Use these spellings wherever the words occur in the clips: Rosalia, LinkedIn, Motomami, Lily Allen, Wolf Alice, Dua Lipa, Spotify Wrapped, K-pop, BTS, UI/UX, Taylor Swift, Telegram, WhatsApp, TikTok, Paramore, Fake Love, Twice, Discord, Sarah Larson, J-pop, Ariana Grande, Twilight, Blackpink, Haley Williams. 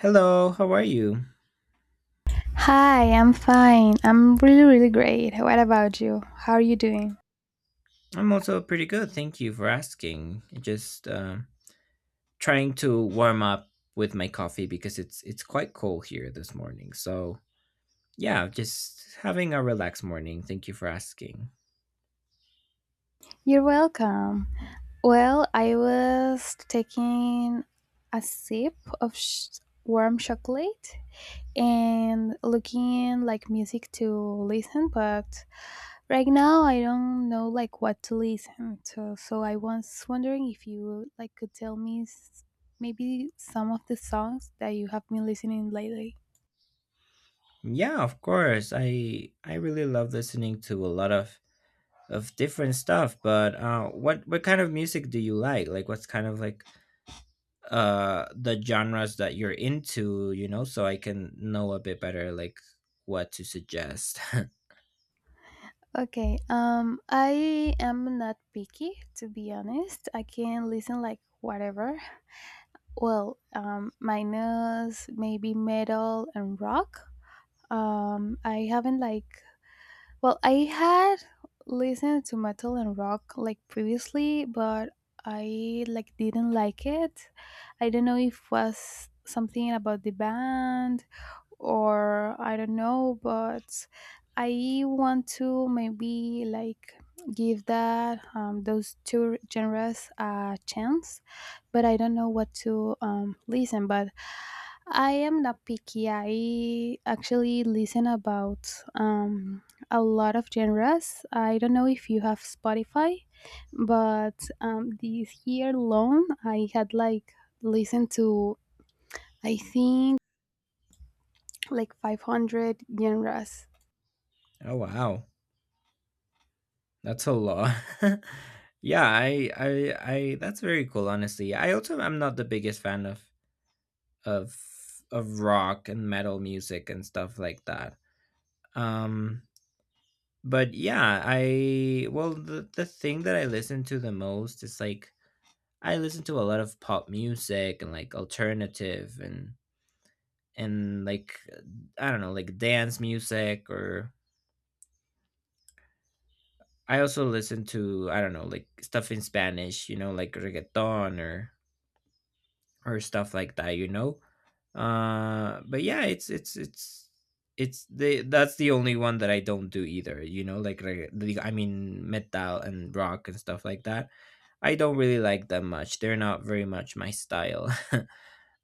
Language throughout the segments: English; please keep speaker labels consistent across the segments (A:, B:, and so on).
A: Hello, how are you?
B: Hi, I'm fine. I'm really, really great. What about you? How are you doing?
A: I'm also pretty good. Thank you for asking. Just trying to warm up with my coffee because it's quite cold here this morning. So yeah, just having a relaxed morning. Thank you for asking.
B: You're welcome. Well, I was taking a sip of warm chocolate and looking like music to listen, but right now I don't know like what to listen to. So I was wondering if you like could tell me maybe some of the songs that you have been listening lately.
A: Yeah, of course. I really love listening to a lot of different stuff. But what kind of music do you like? Like, what's kind of like the genres that you're into, you know, so I can know a bit better like what to suggest.
B: Okay, I am not picky to be honest. I can listen like whatever. Well, minus maybe metal and rock. I haven't like well, I had listened to metal and rock like previously, but I like didn't like it. I don't know if was something about the band or I don't know, but I want to maybe like give that those two genres a chance, but I don't know what to listen. But I am not picky. I actually listen about um, a lot of genres. I don't know if you have Spotify, but this year alone, I had like listened to, I think, like 500 genres.
A: Oh wow, that's a lot. Yeah, I that's very cool, honestly. I also am not the biggest fan of of of rock and metal music and stuff like that. um but yeah, I well the thing that I listen to the most is like I listen to a lot of pop music and like alternative and and like I don't know, like dance music or I also listen to I don't know, like stuff in Spanish, you know, like reggaeton or stuff like that, you know. But yeah, it's the that's the only one that I don't do either, you know, like I mean metal and rock and stuff like that. I don't really like them much. They're not very much my style.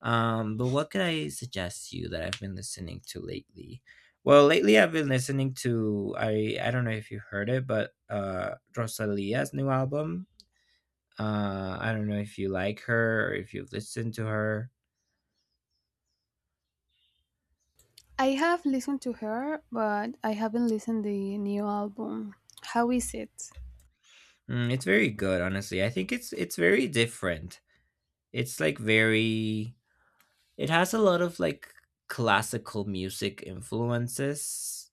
A: But what could I suggest you that I've been listening to lately? Well, lately I've been listening to I don't know if you heard it, but Rosalia's new album. I don't know if you like her or if you've listened to her.
B: I have listened to her, but I haven't listened the new album. How is it?
A: Mm, it's very good, honestly. I think it's very different. It's like very it has a lot of like classical music influences.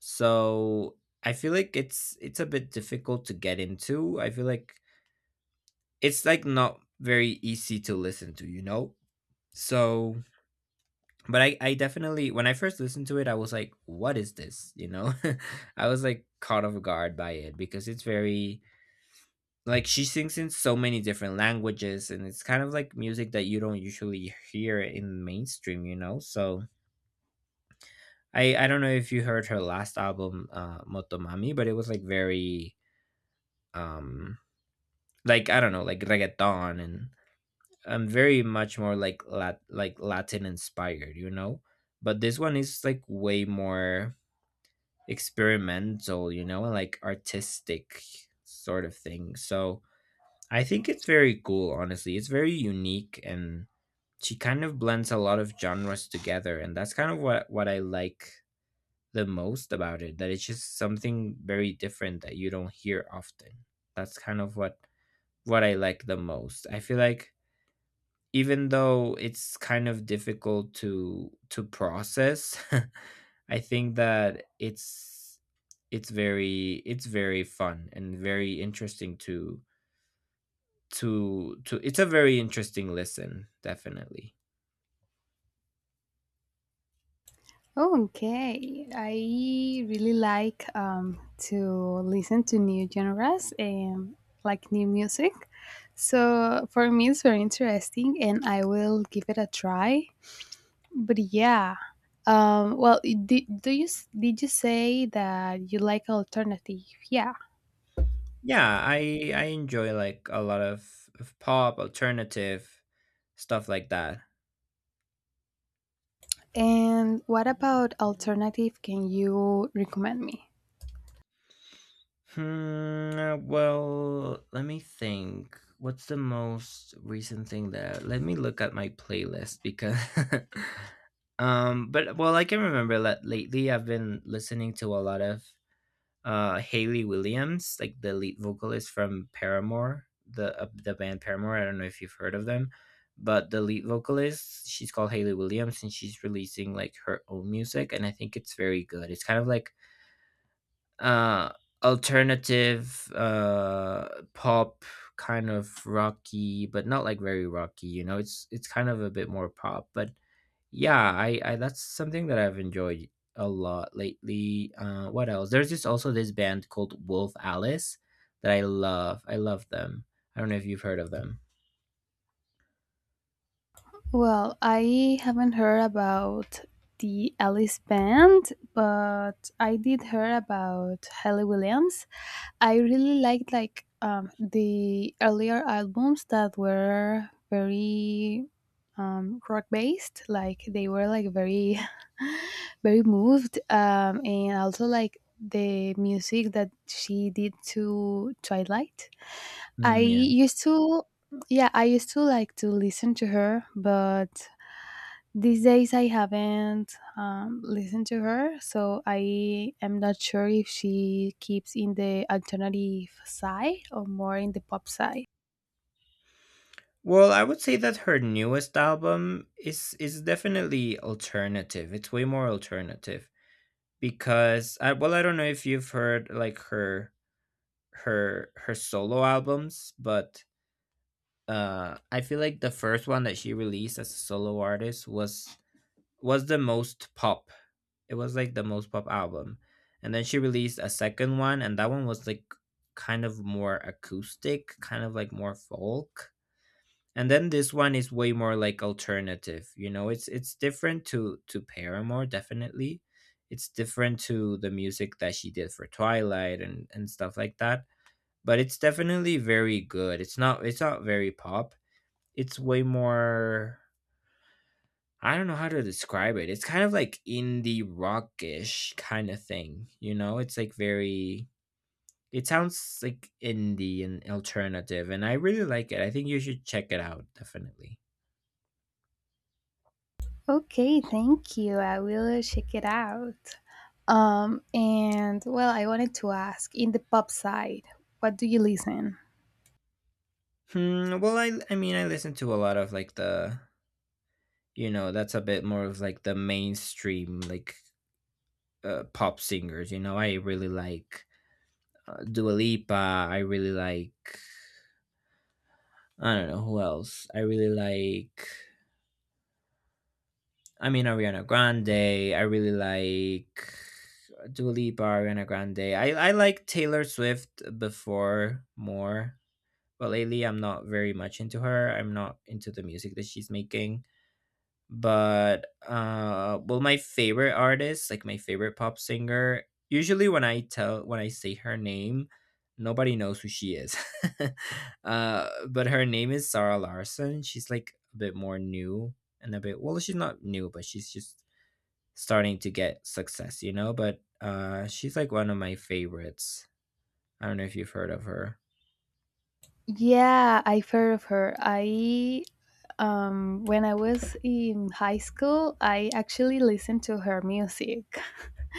A: So I feel like it's a bit difficult to get into. I feel like it's like not very easy to listen to, you know? So, but I definitely, when I first listened to it, I was like, what is this? You know? I was like caught off guard by it because it's very, like, she sings in so many different languages and it's kind of like music that you don't usually hear in mainstream, you know? So, I don't know if you heard her last album, Motomami, but it was like very, um, like, I don't know, like reggaeton and I'm very much more like Latin inspired, you know? But this one is like way more experimental, you know, like artistic sort of thing. So I think it's very cool, honestly. It's very unique and she kind of blends a lot of genres together and that's kind of what I like the most about it. That it's just something very different that you don't hear often. That's kind of what I like the most. I feel like even though it's kind of difficult to process I think that it's very it's very fun and very interesting to it's a very interesting listen, definitely.
B: Okay, I really like to listen to new genres and like new music. So for me, it's very interesting, and I will give it a try. But yeah, well, do you did you say that you like alternative? Yeah,
A: Yeah, I enjoy like a lot of pop alternative stuff like that.
B: and what about alternative? Can you recommend me?
A: Hmm, well, let me think. What's the most recent thing that Let me look at my playlist because but well I can remember that lately I've been listening to a lot of Haley Williams, like the lead vocalist from Paramore, the band Paramore. I don't know if you've heard of them, but the lead vocalist, she's called Haley Williams and she's releasing like her own music and I think it's very good. It's kind of like uh alternative pop, kind of rocky but not like very rocky, you know. It's kind of a bit more pop. But yeah, I that's something that I've enjoyed a lot lately. What else? There's just also this band called Wolf Alice that I love. I love them. I don't know if you've heard of them.
B: Well, I haven't heard about the Alice band, but I did hear about Haley Williams. I really liked like the earlier albums that were very rock based. Like they were like very, very moved, and also like the music that she did to Twilight. I
A: Mm, yeah.
B: used to yeah I used to like to listen to her but these days I haven't listened to her, so I am not sure if she keeps in the alternative side or more in the pop side.
A: Well, I would say that her newest album is definitely alternative. It's way more alternative because I well, I don't know if you've heard like her her solo albums, but I feel like the first one that she released as a solo artist was the most pop. It was like the most pop album. And then she released a second one and that one was like kind of more acoustic, kind of like more folk, and then this one is way more like alternative. You know, it's different to Paramore, definitely. It's different to the music that she did for Twilight and stuff like that, but it's definitely very good. It's not very pop. It's way more I don't know how to describe it. It's kind of like indie rockish kind of thing, you know? It's like very it sounds like indie and alternative, and I really like it. I think you should check it out, definitely.
B: Okay, thank you. I will check it out. And well, I wanted to ask in the pop side, what do you listen?
A: Hmm, well, I mean, I listen to a lot of like the, you know, that's a bit more of like the mainstream like pop singers. You know, I really like Dua Lipa. I really like I don't know who else. I really like I mean, Ariana Grande. I really like Dua Lipa, Ariana Grande. I like Taylor Swift before more, but lately I'm not very much into her. I'm not into the music that she's making. But well, my favorite artist, like my favorite pop singer, usually when I say her name, nobody knows who she is. But her name is Sarah Larson. She's like a bit more new and a bit well, she's not new, but she's just starting to get success, you know? But she's like one of my favorites. I don't know if you've heard of her.
B: Yeah, I've heard of her. I when I was in high school, I actually listened to her music.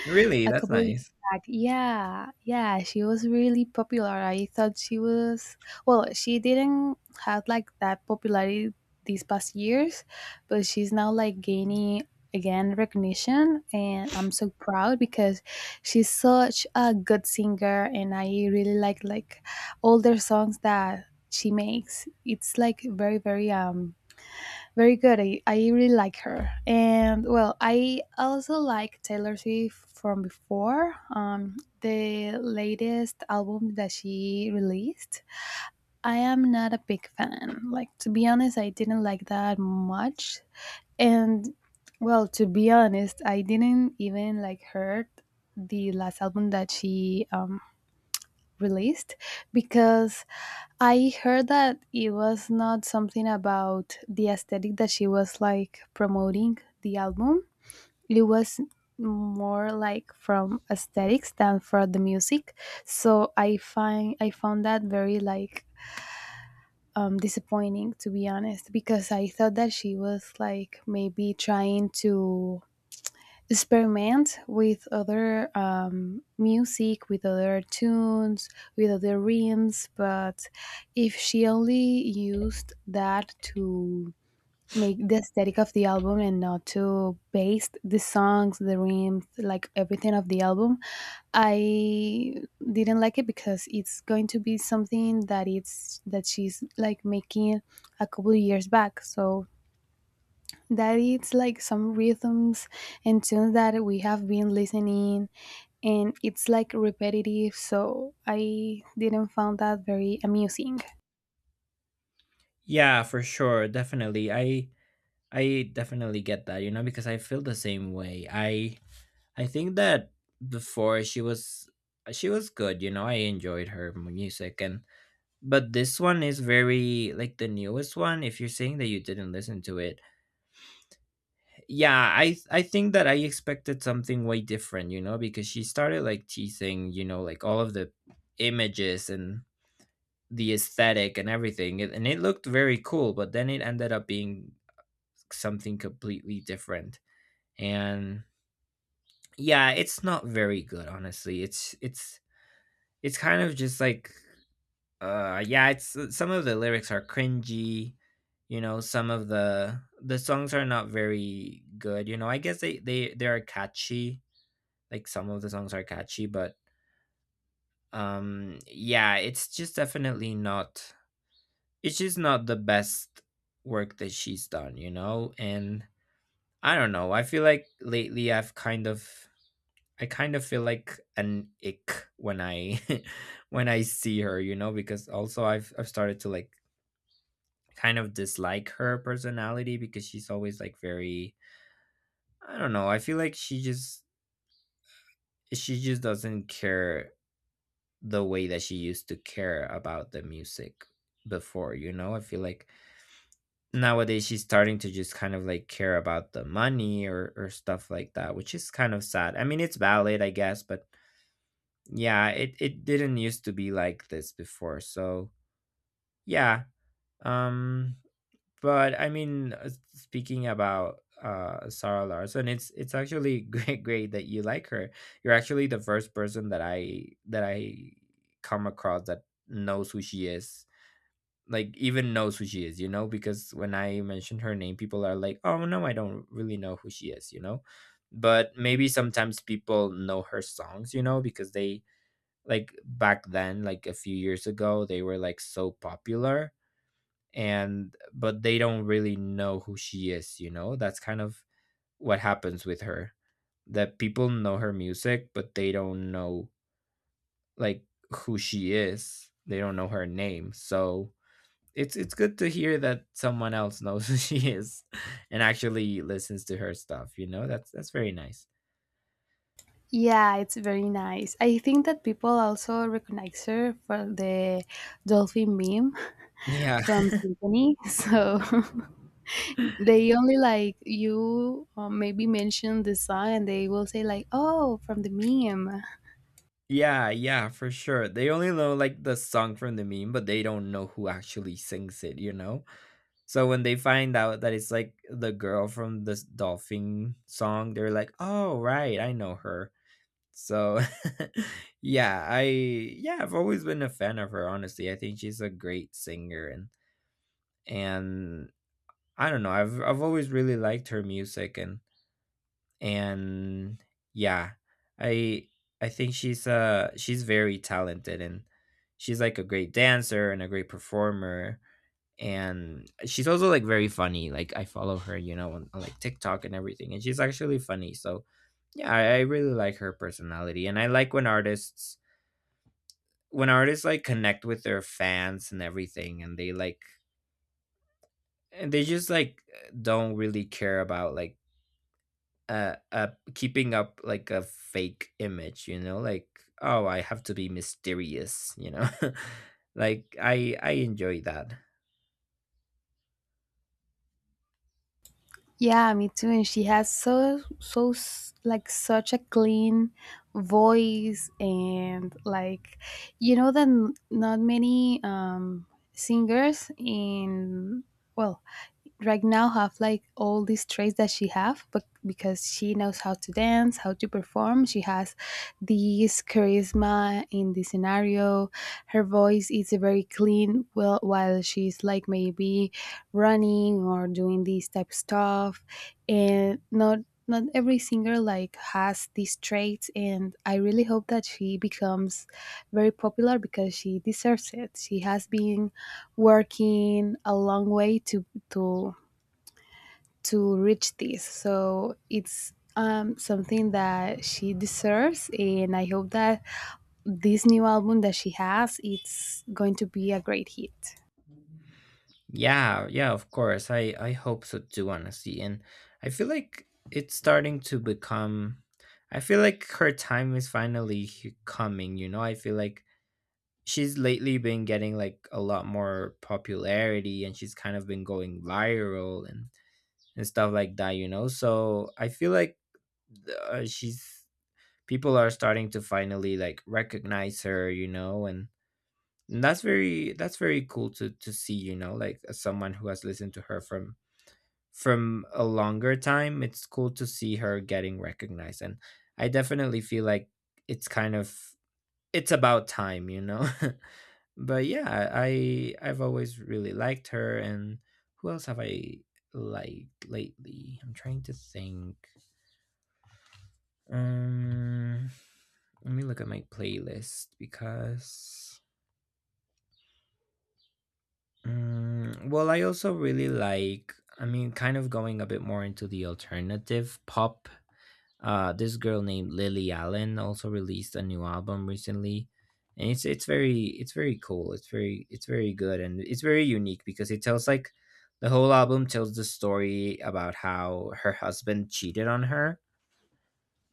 A: Really,
B: A
A: that's
B: couple years
A: nice.
B: back. Yeah, yeah, she was really popular. I thought she was well, she didn't have like that popularity these past years, but she's now like gaining again recognition and I'm so proud because she's such a good singer and I really like all their songs that she makes. It's like very very very good. I really like her. And well, I also like Taylor Swift from before, the latest album that she released. I am not a big fan. Like, to be honest, I didn't like that much. And well, to be honest, I didn't even like heard the last album that she released because I heard that it was not something about the aesthetic that she was like promoting the album. It was more like from aesthetics than for the music. So I found that very like disappointing to be honest because I thought that she was like maybe trying to experiment with other music, with other tunes, with other rhythms. But if she only used that to make the aesthetic of the album and not to base the songs, the rhymes, like everything of the album, I didn't like it because it's going to be something that it's that she's like making a couple of years back. So that it's like some rhythms and tunes that we have been listening and it's like repetitive so I didn't find that very amusing.
A: Yeah, for sure, definitely. I definitely get that, you know, because I feel the same way. I think that before she was good, you know. I enjoyed her music. And but this one is very like the newest one. If you're saying that you didn't listen to it, yeah, I think that I expected something way different, you know, because she started like teasing, you know, like all of the images and the aesthetic and everything, and it looked very cool, but then it ended up being something completely different. And yeah, it's not very good, honestly. It's kind of just like yeah, it's some of the lyrics are cringy, you know. Some of the songs are not very good, you know. I guess they they are catchy. Like some of the songs are catchy, but yeah, it's just definitely not it's just not the best work that she's done, you know? And I don't know. I feel like lately I kind of feel like an ick when I when I see her, you know, because also I've started to like kind of dislike her personality because she's always like very I don't know. I feel like she just doesn't care the way that she used to care about the music before. You know, I feel like nowadays she's starting to just kind of like care about the money or stuff like that, which is kind of sad. I mean, it's valid, I guess, but yeah, it didn't used to be like this before. So yeah. um but I mean, speaking about Sarah Larson, it's actually great great that you like her. You're actually the first person that I come across that knows who she is, like even knows who she is, you know, because when I mention her name, people are like, "Oh no, I don't really know who she is," you know. But maybe sometimes people know her songs, you know, because they like back then, like a few years ago, they were like so popular and but they don't really know who she is, you know. That's kind of what happens with her. That people know her music, but they don't know like who she is. They don't know her name. So it's good to hear that someone else knows who she is and actually listens to her stuff, you know. That's very nice.
B: Yeah, it's very nice. I think that people also recognize her for the dolphin meme
A: Yeah.
B: from symphony. So they only like you maybe mention the song and they will say like oh from the meme.
A: Yeah, yeah, for sure, they only know like the song from the meme, but they don't know who actually sings it, you know. So when they find out that it's like the girl from this dolphin song, they're like oh right, I know her. So yeah, I've always been a fan of her, honestly. I think she's a great singer. And I don't know. I've always really liked her music and yeah, I I think she's very talented and she's like a great dancer and a great performer, and she's also like very funny. Like I follow her, you know, on like TikTok and everything, and she's actually funny. So yeah, I really like her personality, and I like when artists like connect with their fans and everything, and they like and they just like don't really care about like uh, uh keeping up like a fake image, you know, like, oh, I have to be mysterious, you know. Like I enjoy that.
B: Yeah, me too. And she has like such a clean voice and like you know that not many singers in well right now have like all these traits that she have but because she knows how to dance how to perform she has this charisma in the scenario her voice is very clean well while she's like maybe running or doing this type of stuff and not not every singer like has these traits and I really hope that she becomes very popular because she deserves it. She has been working a long way to to reach this so it's something that she deserves and I hope that this new album that she has it's going to be a great hit.
A: Yeah, yeah, of course, I hope so too, honestly. And I feel like it's starting to become, I feel like her time is finally coming, you know. I feel like she's lately been getting like a lot more popularity, and she's kind of been going viral and stuff like that, you know. So I feel like she's, people are starting to finally like recognize her, you know, and that's very, that's very cool to see, you know, like as someone who has listened to her from a longer time. It's cool to see her getting recognized, and I definitely feel like it's kind of, it's about time, you know. But yeah, I've always really liked her. And who else have I liked lately? I'm trying to think. Um, Let me look at my playlist because, well, I also really like, I mean, kind of going a bit more into the alternative pop. This girl named Lily Allen also released a new album recently, and it's very, it's very cool. It's very, it's very good, and it's very unique because it tells like, the whole album tells the story about how her husband cheated on her.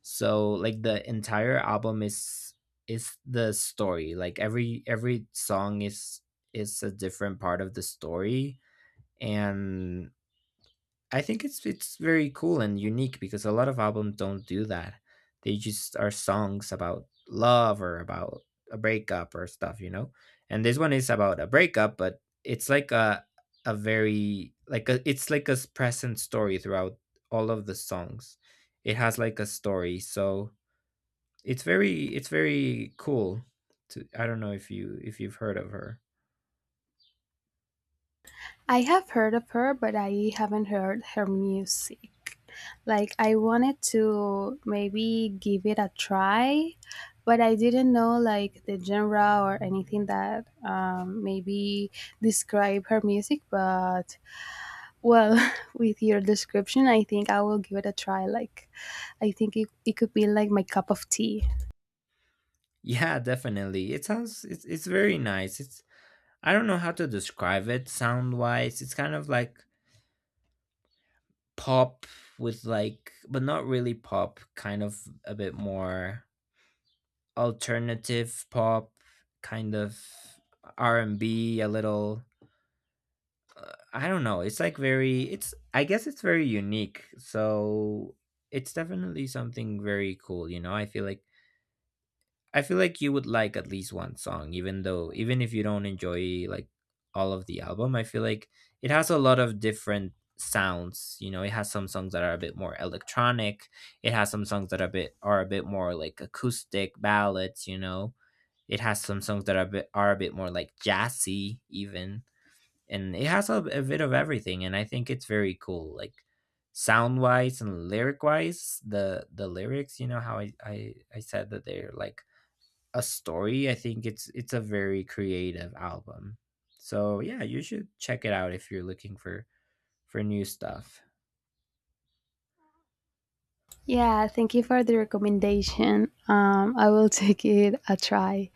A: So like the entire album is the story. Like every song is a different part of the story. And I think it's very cool and unique because a lot of albums don't do that. They just are songs about love, or about a breakup or stuff, you know. And this one is about a breakup, but it's like a very like a, it's like a present story throughout all of the songs. It has like a story, so it's very, it's very cool to, I don't know if you, if you've heard of her.
B: I have heard of her, but I haven't heard her music. Like, I wanted to maybe give it a try, but I didn't know like the genre or anything that maybe describe her music. But well, with your description, I think I will give it a try. Like, it could be like my cup of tea.
A: Yeah, definitely. It sounds, it's very nice. It's, I don't know how to describe it sound wise. It's kind of like pop with like, but not really pop, kind of a bit more alternative pop, kind of R and B a little. I don't know. It's like very, it's, I guess it's very unique. So it's definitely something very cool, you know. I feel like, I feel like you would like at least one song, even though, even if you don't enjoy like all of the album. I feel like it has a lot of different sounds, you know. It has some songs that are a bit more electronic. It has some songs that are a bit, are a bit more like acoustic ballads, you know. It has some songs that are a bit more like jazzy even, and it has a bit of everything. And I think it's very cool, like sound wise and lyric wise the lyrics, you know, how I said that they're like a story, I think it's a very creative album. So yeah, you should check it out if you're looking for new stuff.
B: Yeah, thank you for the recommendation. I will take it a try.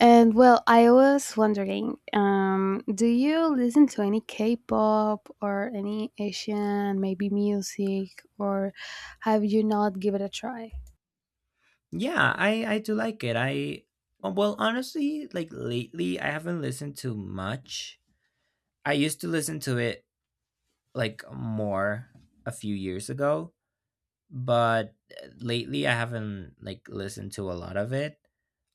B: And well, I was wondering, do you listen to any K-pop or any Asian, maybe music, or have you not give it a try?
A: Yeah, I do like it. I Well, honestly, like lately I haven't listened to much. I used to listen to it like more a few years ago, but lately I haven't like listened to a lot of it.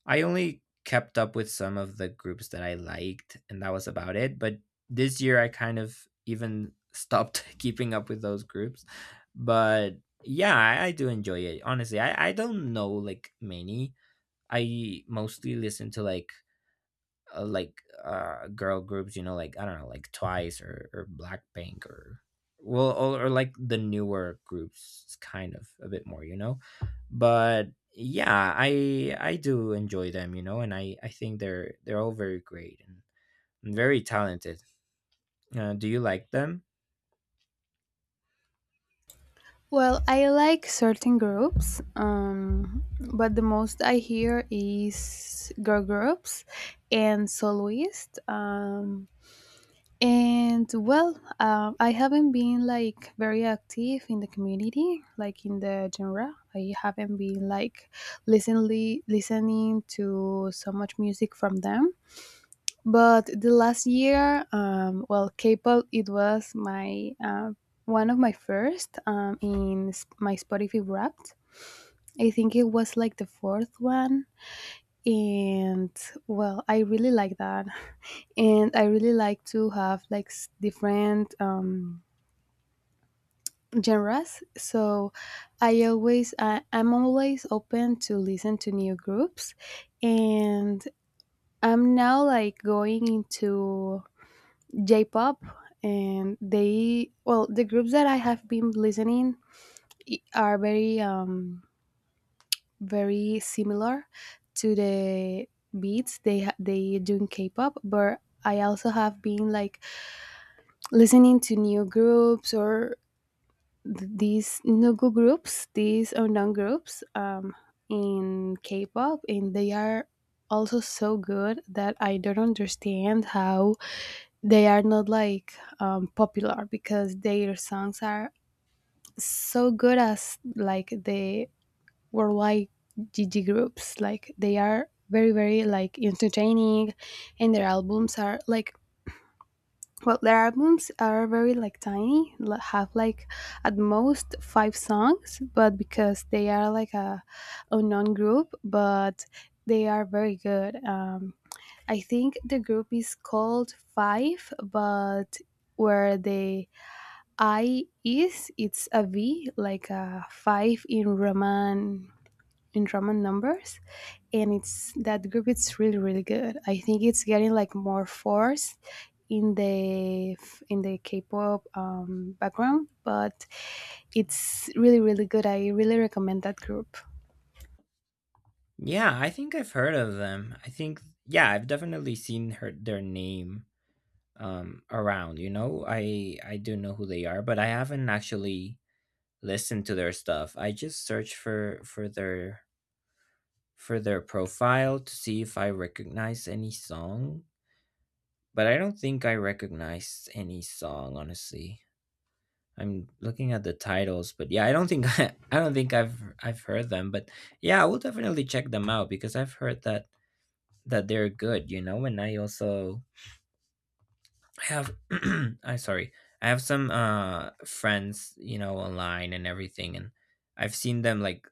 A: I only kept up with some of the groups that I liked, and that was about it. But this year I kind of even stopped keeping up with those groups. But yeah, I do enjoy it. Honestly, I don't know like many. I mostly listen to like girl groups, you know, like, I don't know, like Twice or Blackpink, or well, or like the newer groups, kind of a bit more, you know. But yeah, I do enjoy them, you know, and I think they're all very great, and very talented. Do you like them?
B: Well, I like certain groups, but the most I hear is girl groups and soloist. And well, I haven't been like very active in the community, like in the genre. I haven't been like listening to so much music from them. But the last year, well, K-pop it was my one of my first in my Spotify Wrapped. I think it was like the fourth one, and well, I really like that and I really like to have like different genres so I'm always open to listen to new groups and I'm now like going into j-pop and they well the groups that I have been listening are very very similar to the beats they do in k-pop but I also have been like listening to new groups or these nugu groups, these undang groups in K-pop, and they are also so good that I don't understand how they are not like popular because their songs are so good as like the worldwide G G groups. Like they are very very like entertaining, and their albums are like well, their albums are very like tiny, have like at most five songs, but because they are like a unknown group, but they are very good. I think the group is called Five, but where the I is, it's a V, like a five in Roman numbers, and it's that group. It's really really good. I think it's getting like more force in the in the K-pop background, but it's really really good. I really recommend that group.
A: Yeah, I think I've heard of them, I think. Yeah, I've definitely seen her their name around, you know. I do know who they are, but I haven't actually listened to their stuff. I just search for their, for their profile to see if I recognize any song, but I don't think I recognize any song, honestly. I'm looking at the titles, but yeah, I don't think I don't think I've heard them. But yeah, I will definitely check them out because I've heard that they're good, you know. And I also, I have I, sorry. I have some friends, you know, online and everything, and I've seen them like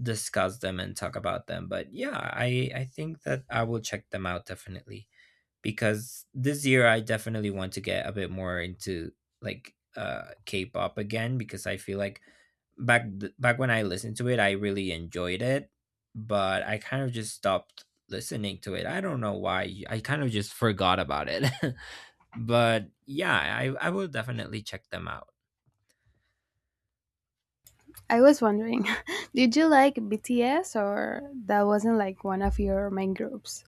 A: discuss them and talk about them. But yeah, I think that I will check them out definitely, because this year I definitely want to get a bit more into like K-pop again, because I feel like back when I listened to it, I really enjoyed it, but I kind of just stopped listening to it. I don't know why. I kind of just forgot about it. But yeah, I will definitely check them out.
B: I was wondering, did you like BTS or that wasn't like one of your main groups?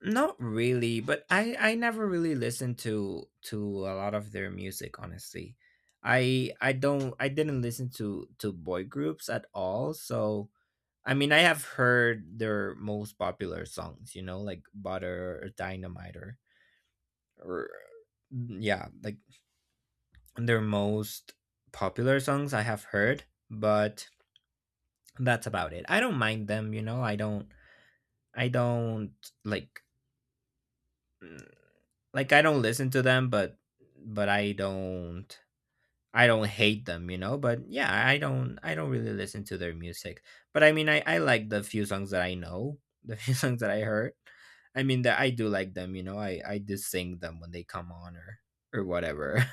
A: Not really, but I never really listened to a lot of their music, honestly. I don't, I didn't listen to boy groups at all. So I mean, I have heard their most popular songs, you know, like Butter or Dynamite, or yeah, like their most popular songs I have heard. But that's about it. I don't mind them, you know. I don't like mm, Like, I don't listen to them, but I don't, I don't hate them, you know. But yeah, I don't, I don't really listen to their music. But I mean, I like the few songs that I know, the few songs that I heard. I mean, that I do like them, you know. I do sing them when they come on, or whatever.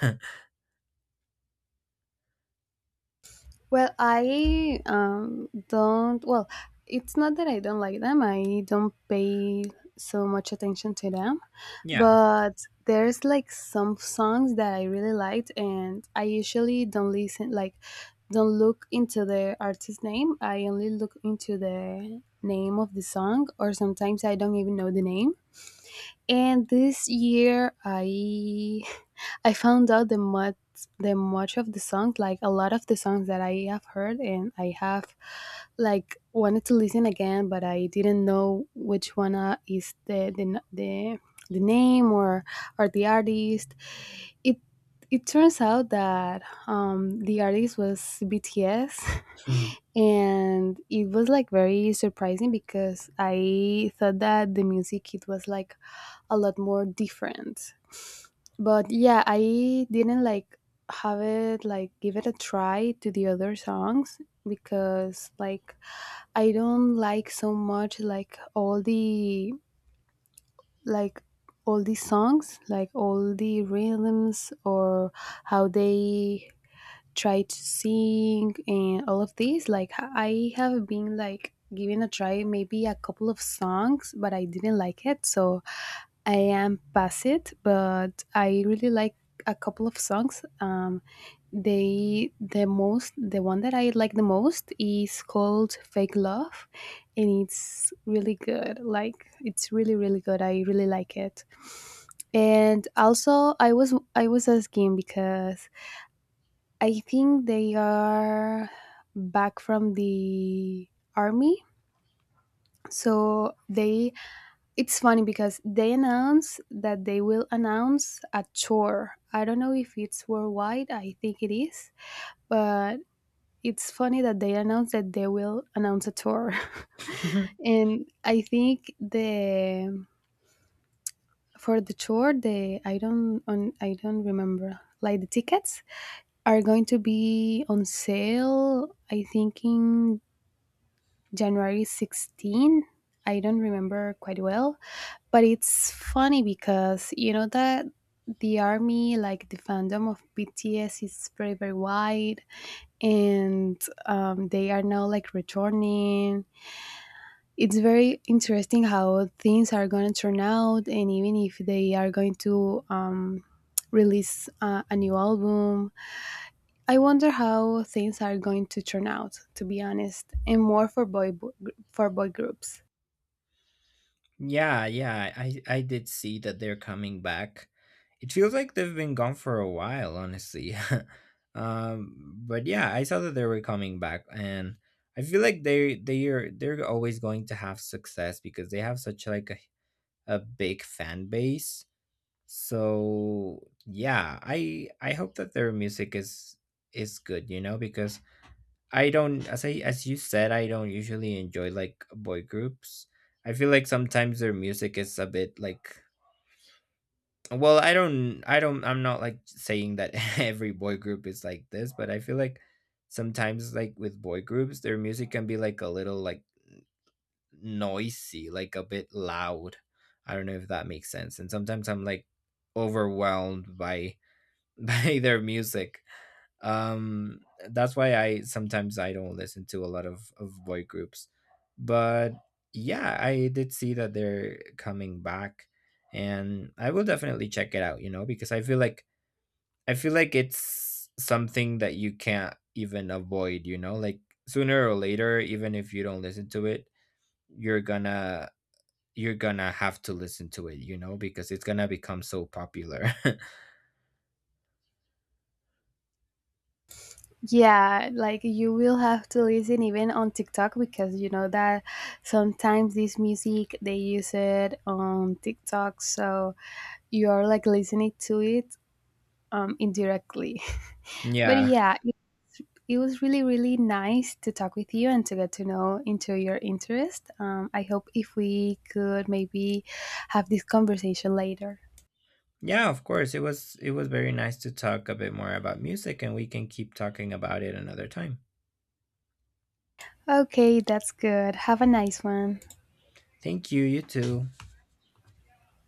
B: Well, I don't. Well, it's not that I don't like them. I don't pay so much attention to them,
A: Yeah.
B: but there's like some songs that I really liked, and I usually don't listen. Like, don't look into the artist name. I only look into the name of the song, or sometimes I don't even know the name. And this year, I I found out the much of the songs, like a lot of the songs that I have heard, and I have like wanted to listen again, but I didn't know which one is the name or the artist. It it turns out that the artist was BTS, and it was like very surprising because I thought that the music it was like a lot more different. But yeah, I didn't like have it like give it a try to the other songs because like I don't like so much like all the like all these songs, like all the rhythms or how they try to sing and all of these. Like I have been like giving a try maybe a couple of songs, but I didn't like it. So I am past it, but I really like a couple of songs. They the most the one that I like the most is called "Fake Love," and it's really good. Like it's really really good. I really like it. And also, I was asking because I think they are back from the army, so they it's funny because they announced that they will announce a tour. I don't know if it's worldwide, I think it is, but it's funny that they announced that they will announce a tour. And I think the for the tour, the I don't on I don't remember. Like the tickets are going to be on sale I think in January 16th. I don't remember quite well, but it's funny because you know that the army, like the fandom of BTS, is very very wide, and they are now like returning. It's very interesting how things are going to turn out, and even if they are going to release a new album, I wonder how things are going to turn out. To be honest, and more for boy groups.
A: Yeah, yeah, I did see that they're coming back. It feels like they've been gone for a while, honestly. But yeah, I saw that they were coming back, and I feel like they are, they're always going to have success because they have such like a big fan base. So yeah, I hope that their music is good, you know, because I don't, as I, as you said, I don't usually enjoy like boy groups. I feel like sometimes their music is a bit like, well, I don't, I'm not like saying that every boy group is like this, but I feel like sometimes like with boy groups, their music can be like a little like noisy, like a bit loud. I don't know if that makes sense. And sometimes I'm like overwhelmed by by their music, um that's why I sometimes I don't listen to a lot of boy groups. But yeah, I did see that they're coming back, and I will definitely check it out, you know, because I feel like, I feel like it's something that you can't even avoid, you know, like sooner or later, even if you don't listen to it, you're gonna, you're gonna have to listen to it, you know, because it's gonna become so popular.
B: Yeah, like you will have to listen even on TikTok because you know that sometimes this music they use it on TikTok, so you're like listening to it indirectly. But
A: Yeah.
B: yeah, it was really really nice to talk with you and to get to know into your interest. I hope if we could maybe have this conversation later.
A: Yeah, of course. It was, it was very nice to talk a bit more about music, and we can keep talking about it another time.
B: Okay, that's good. Have a nice one.
A: Thank you, you too.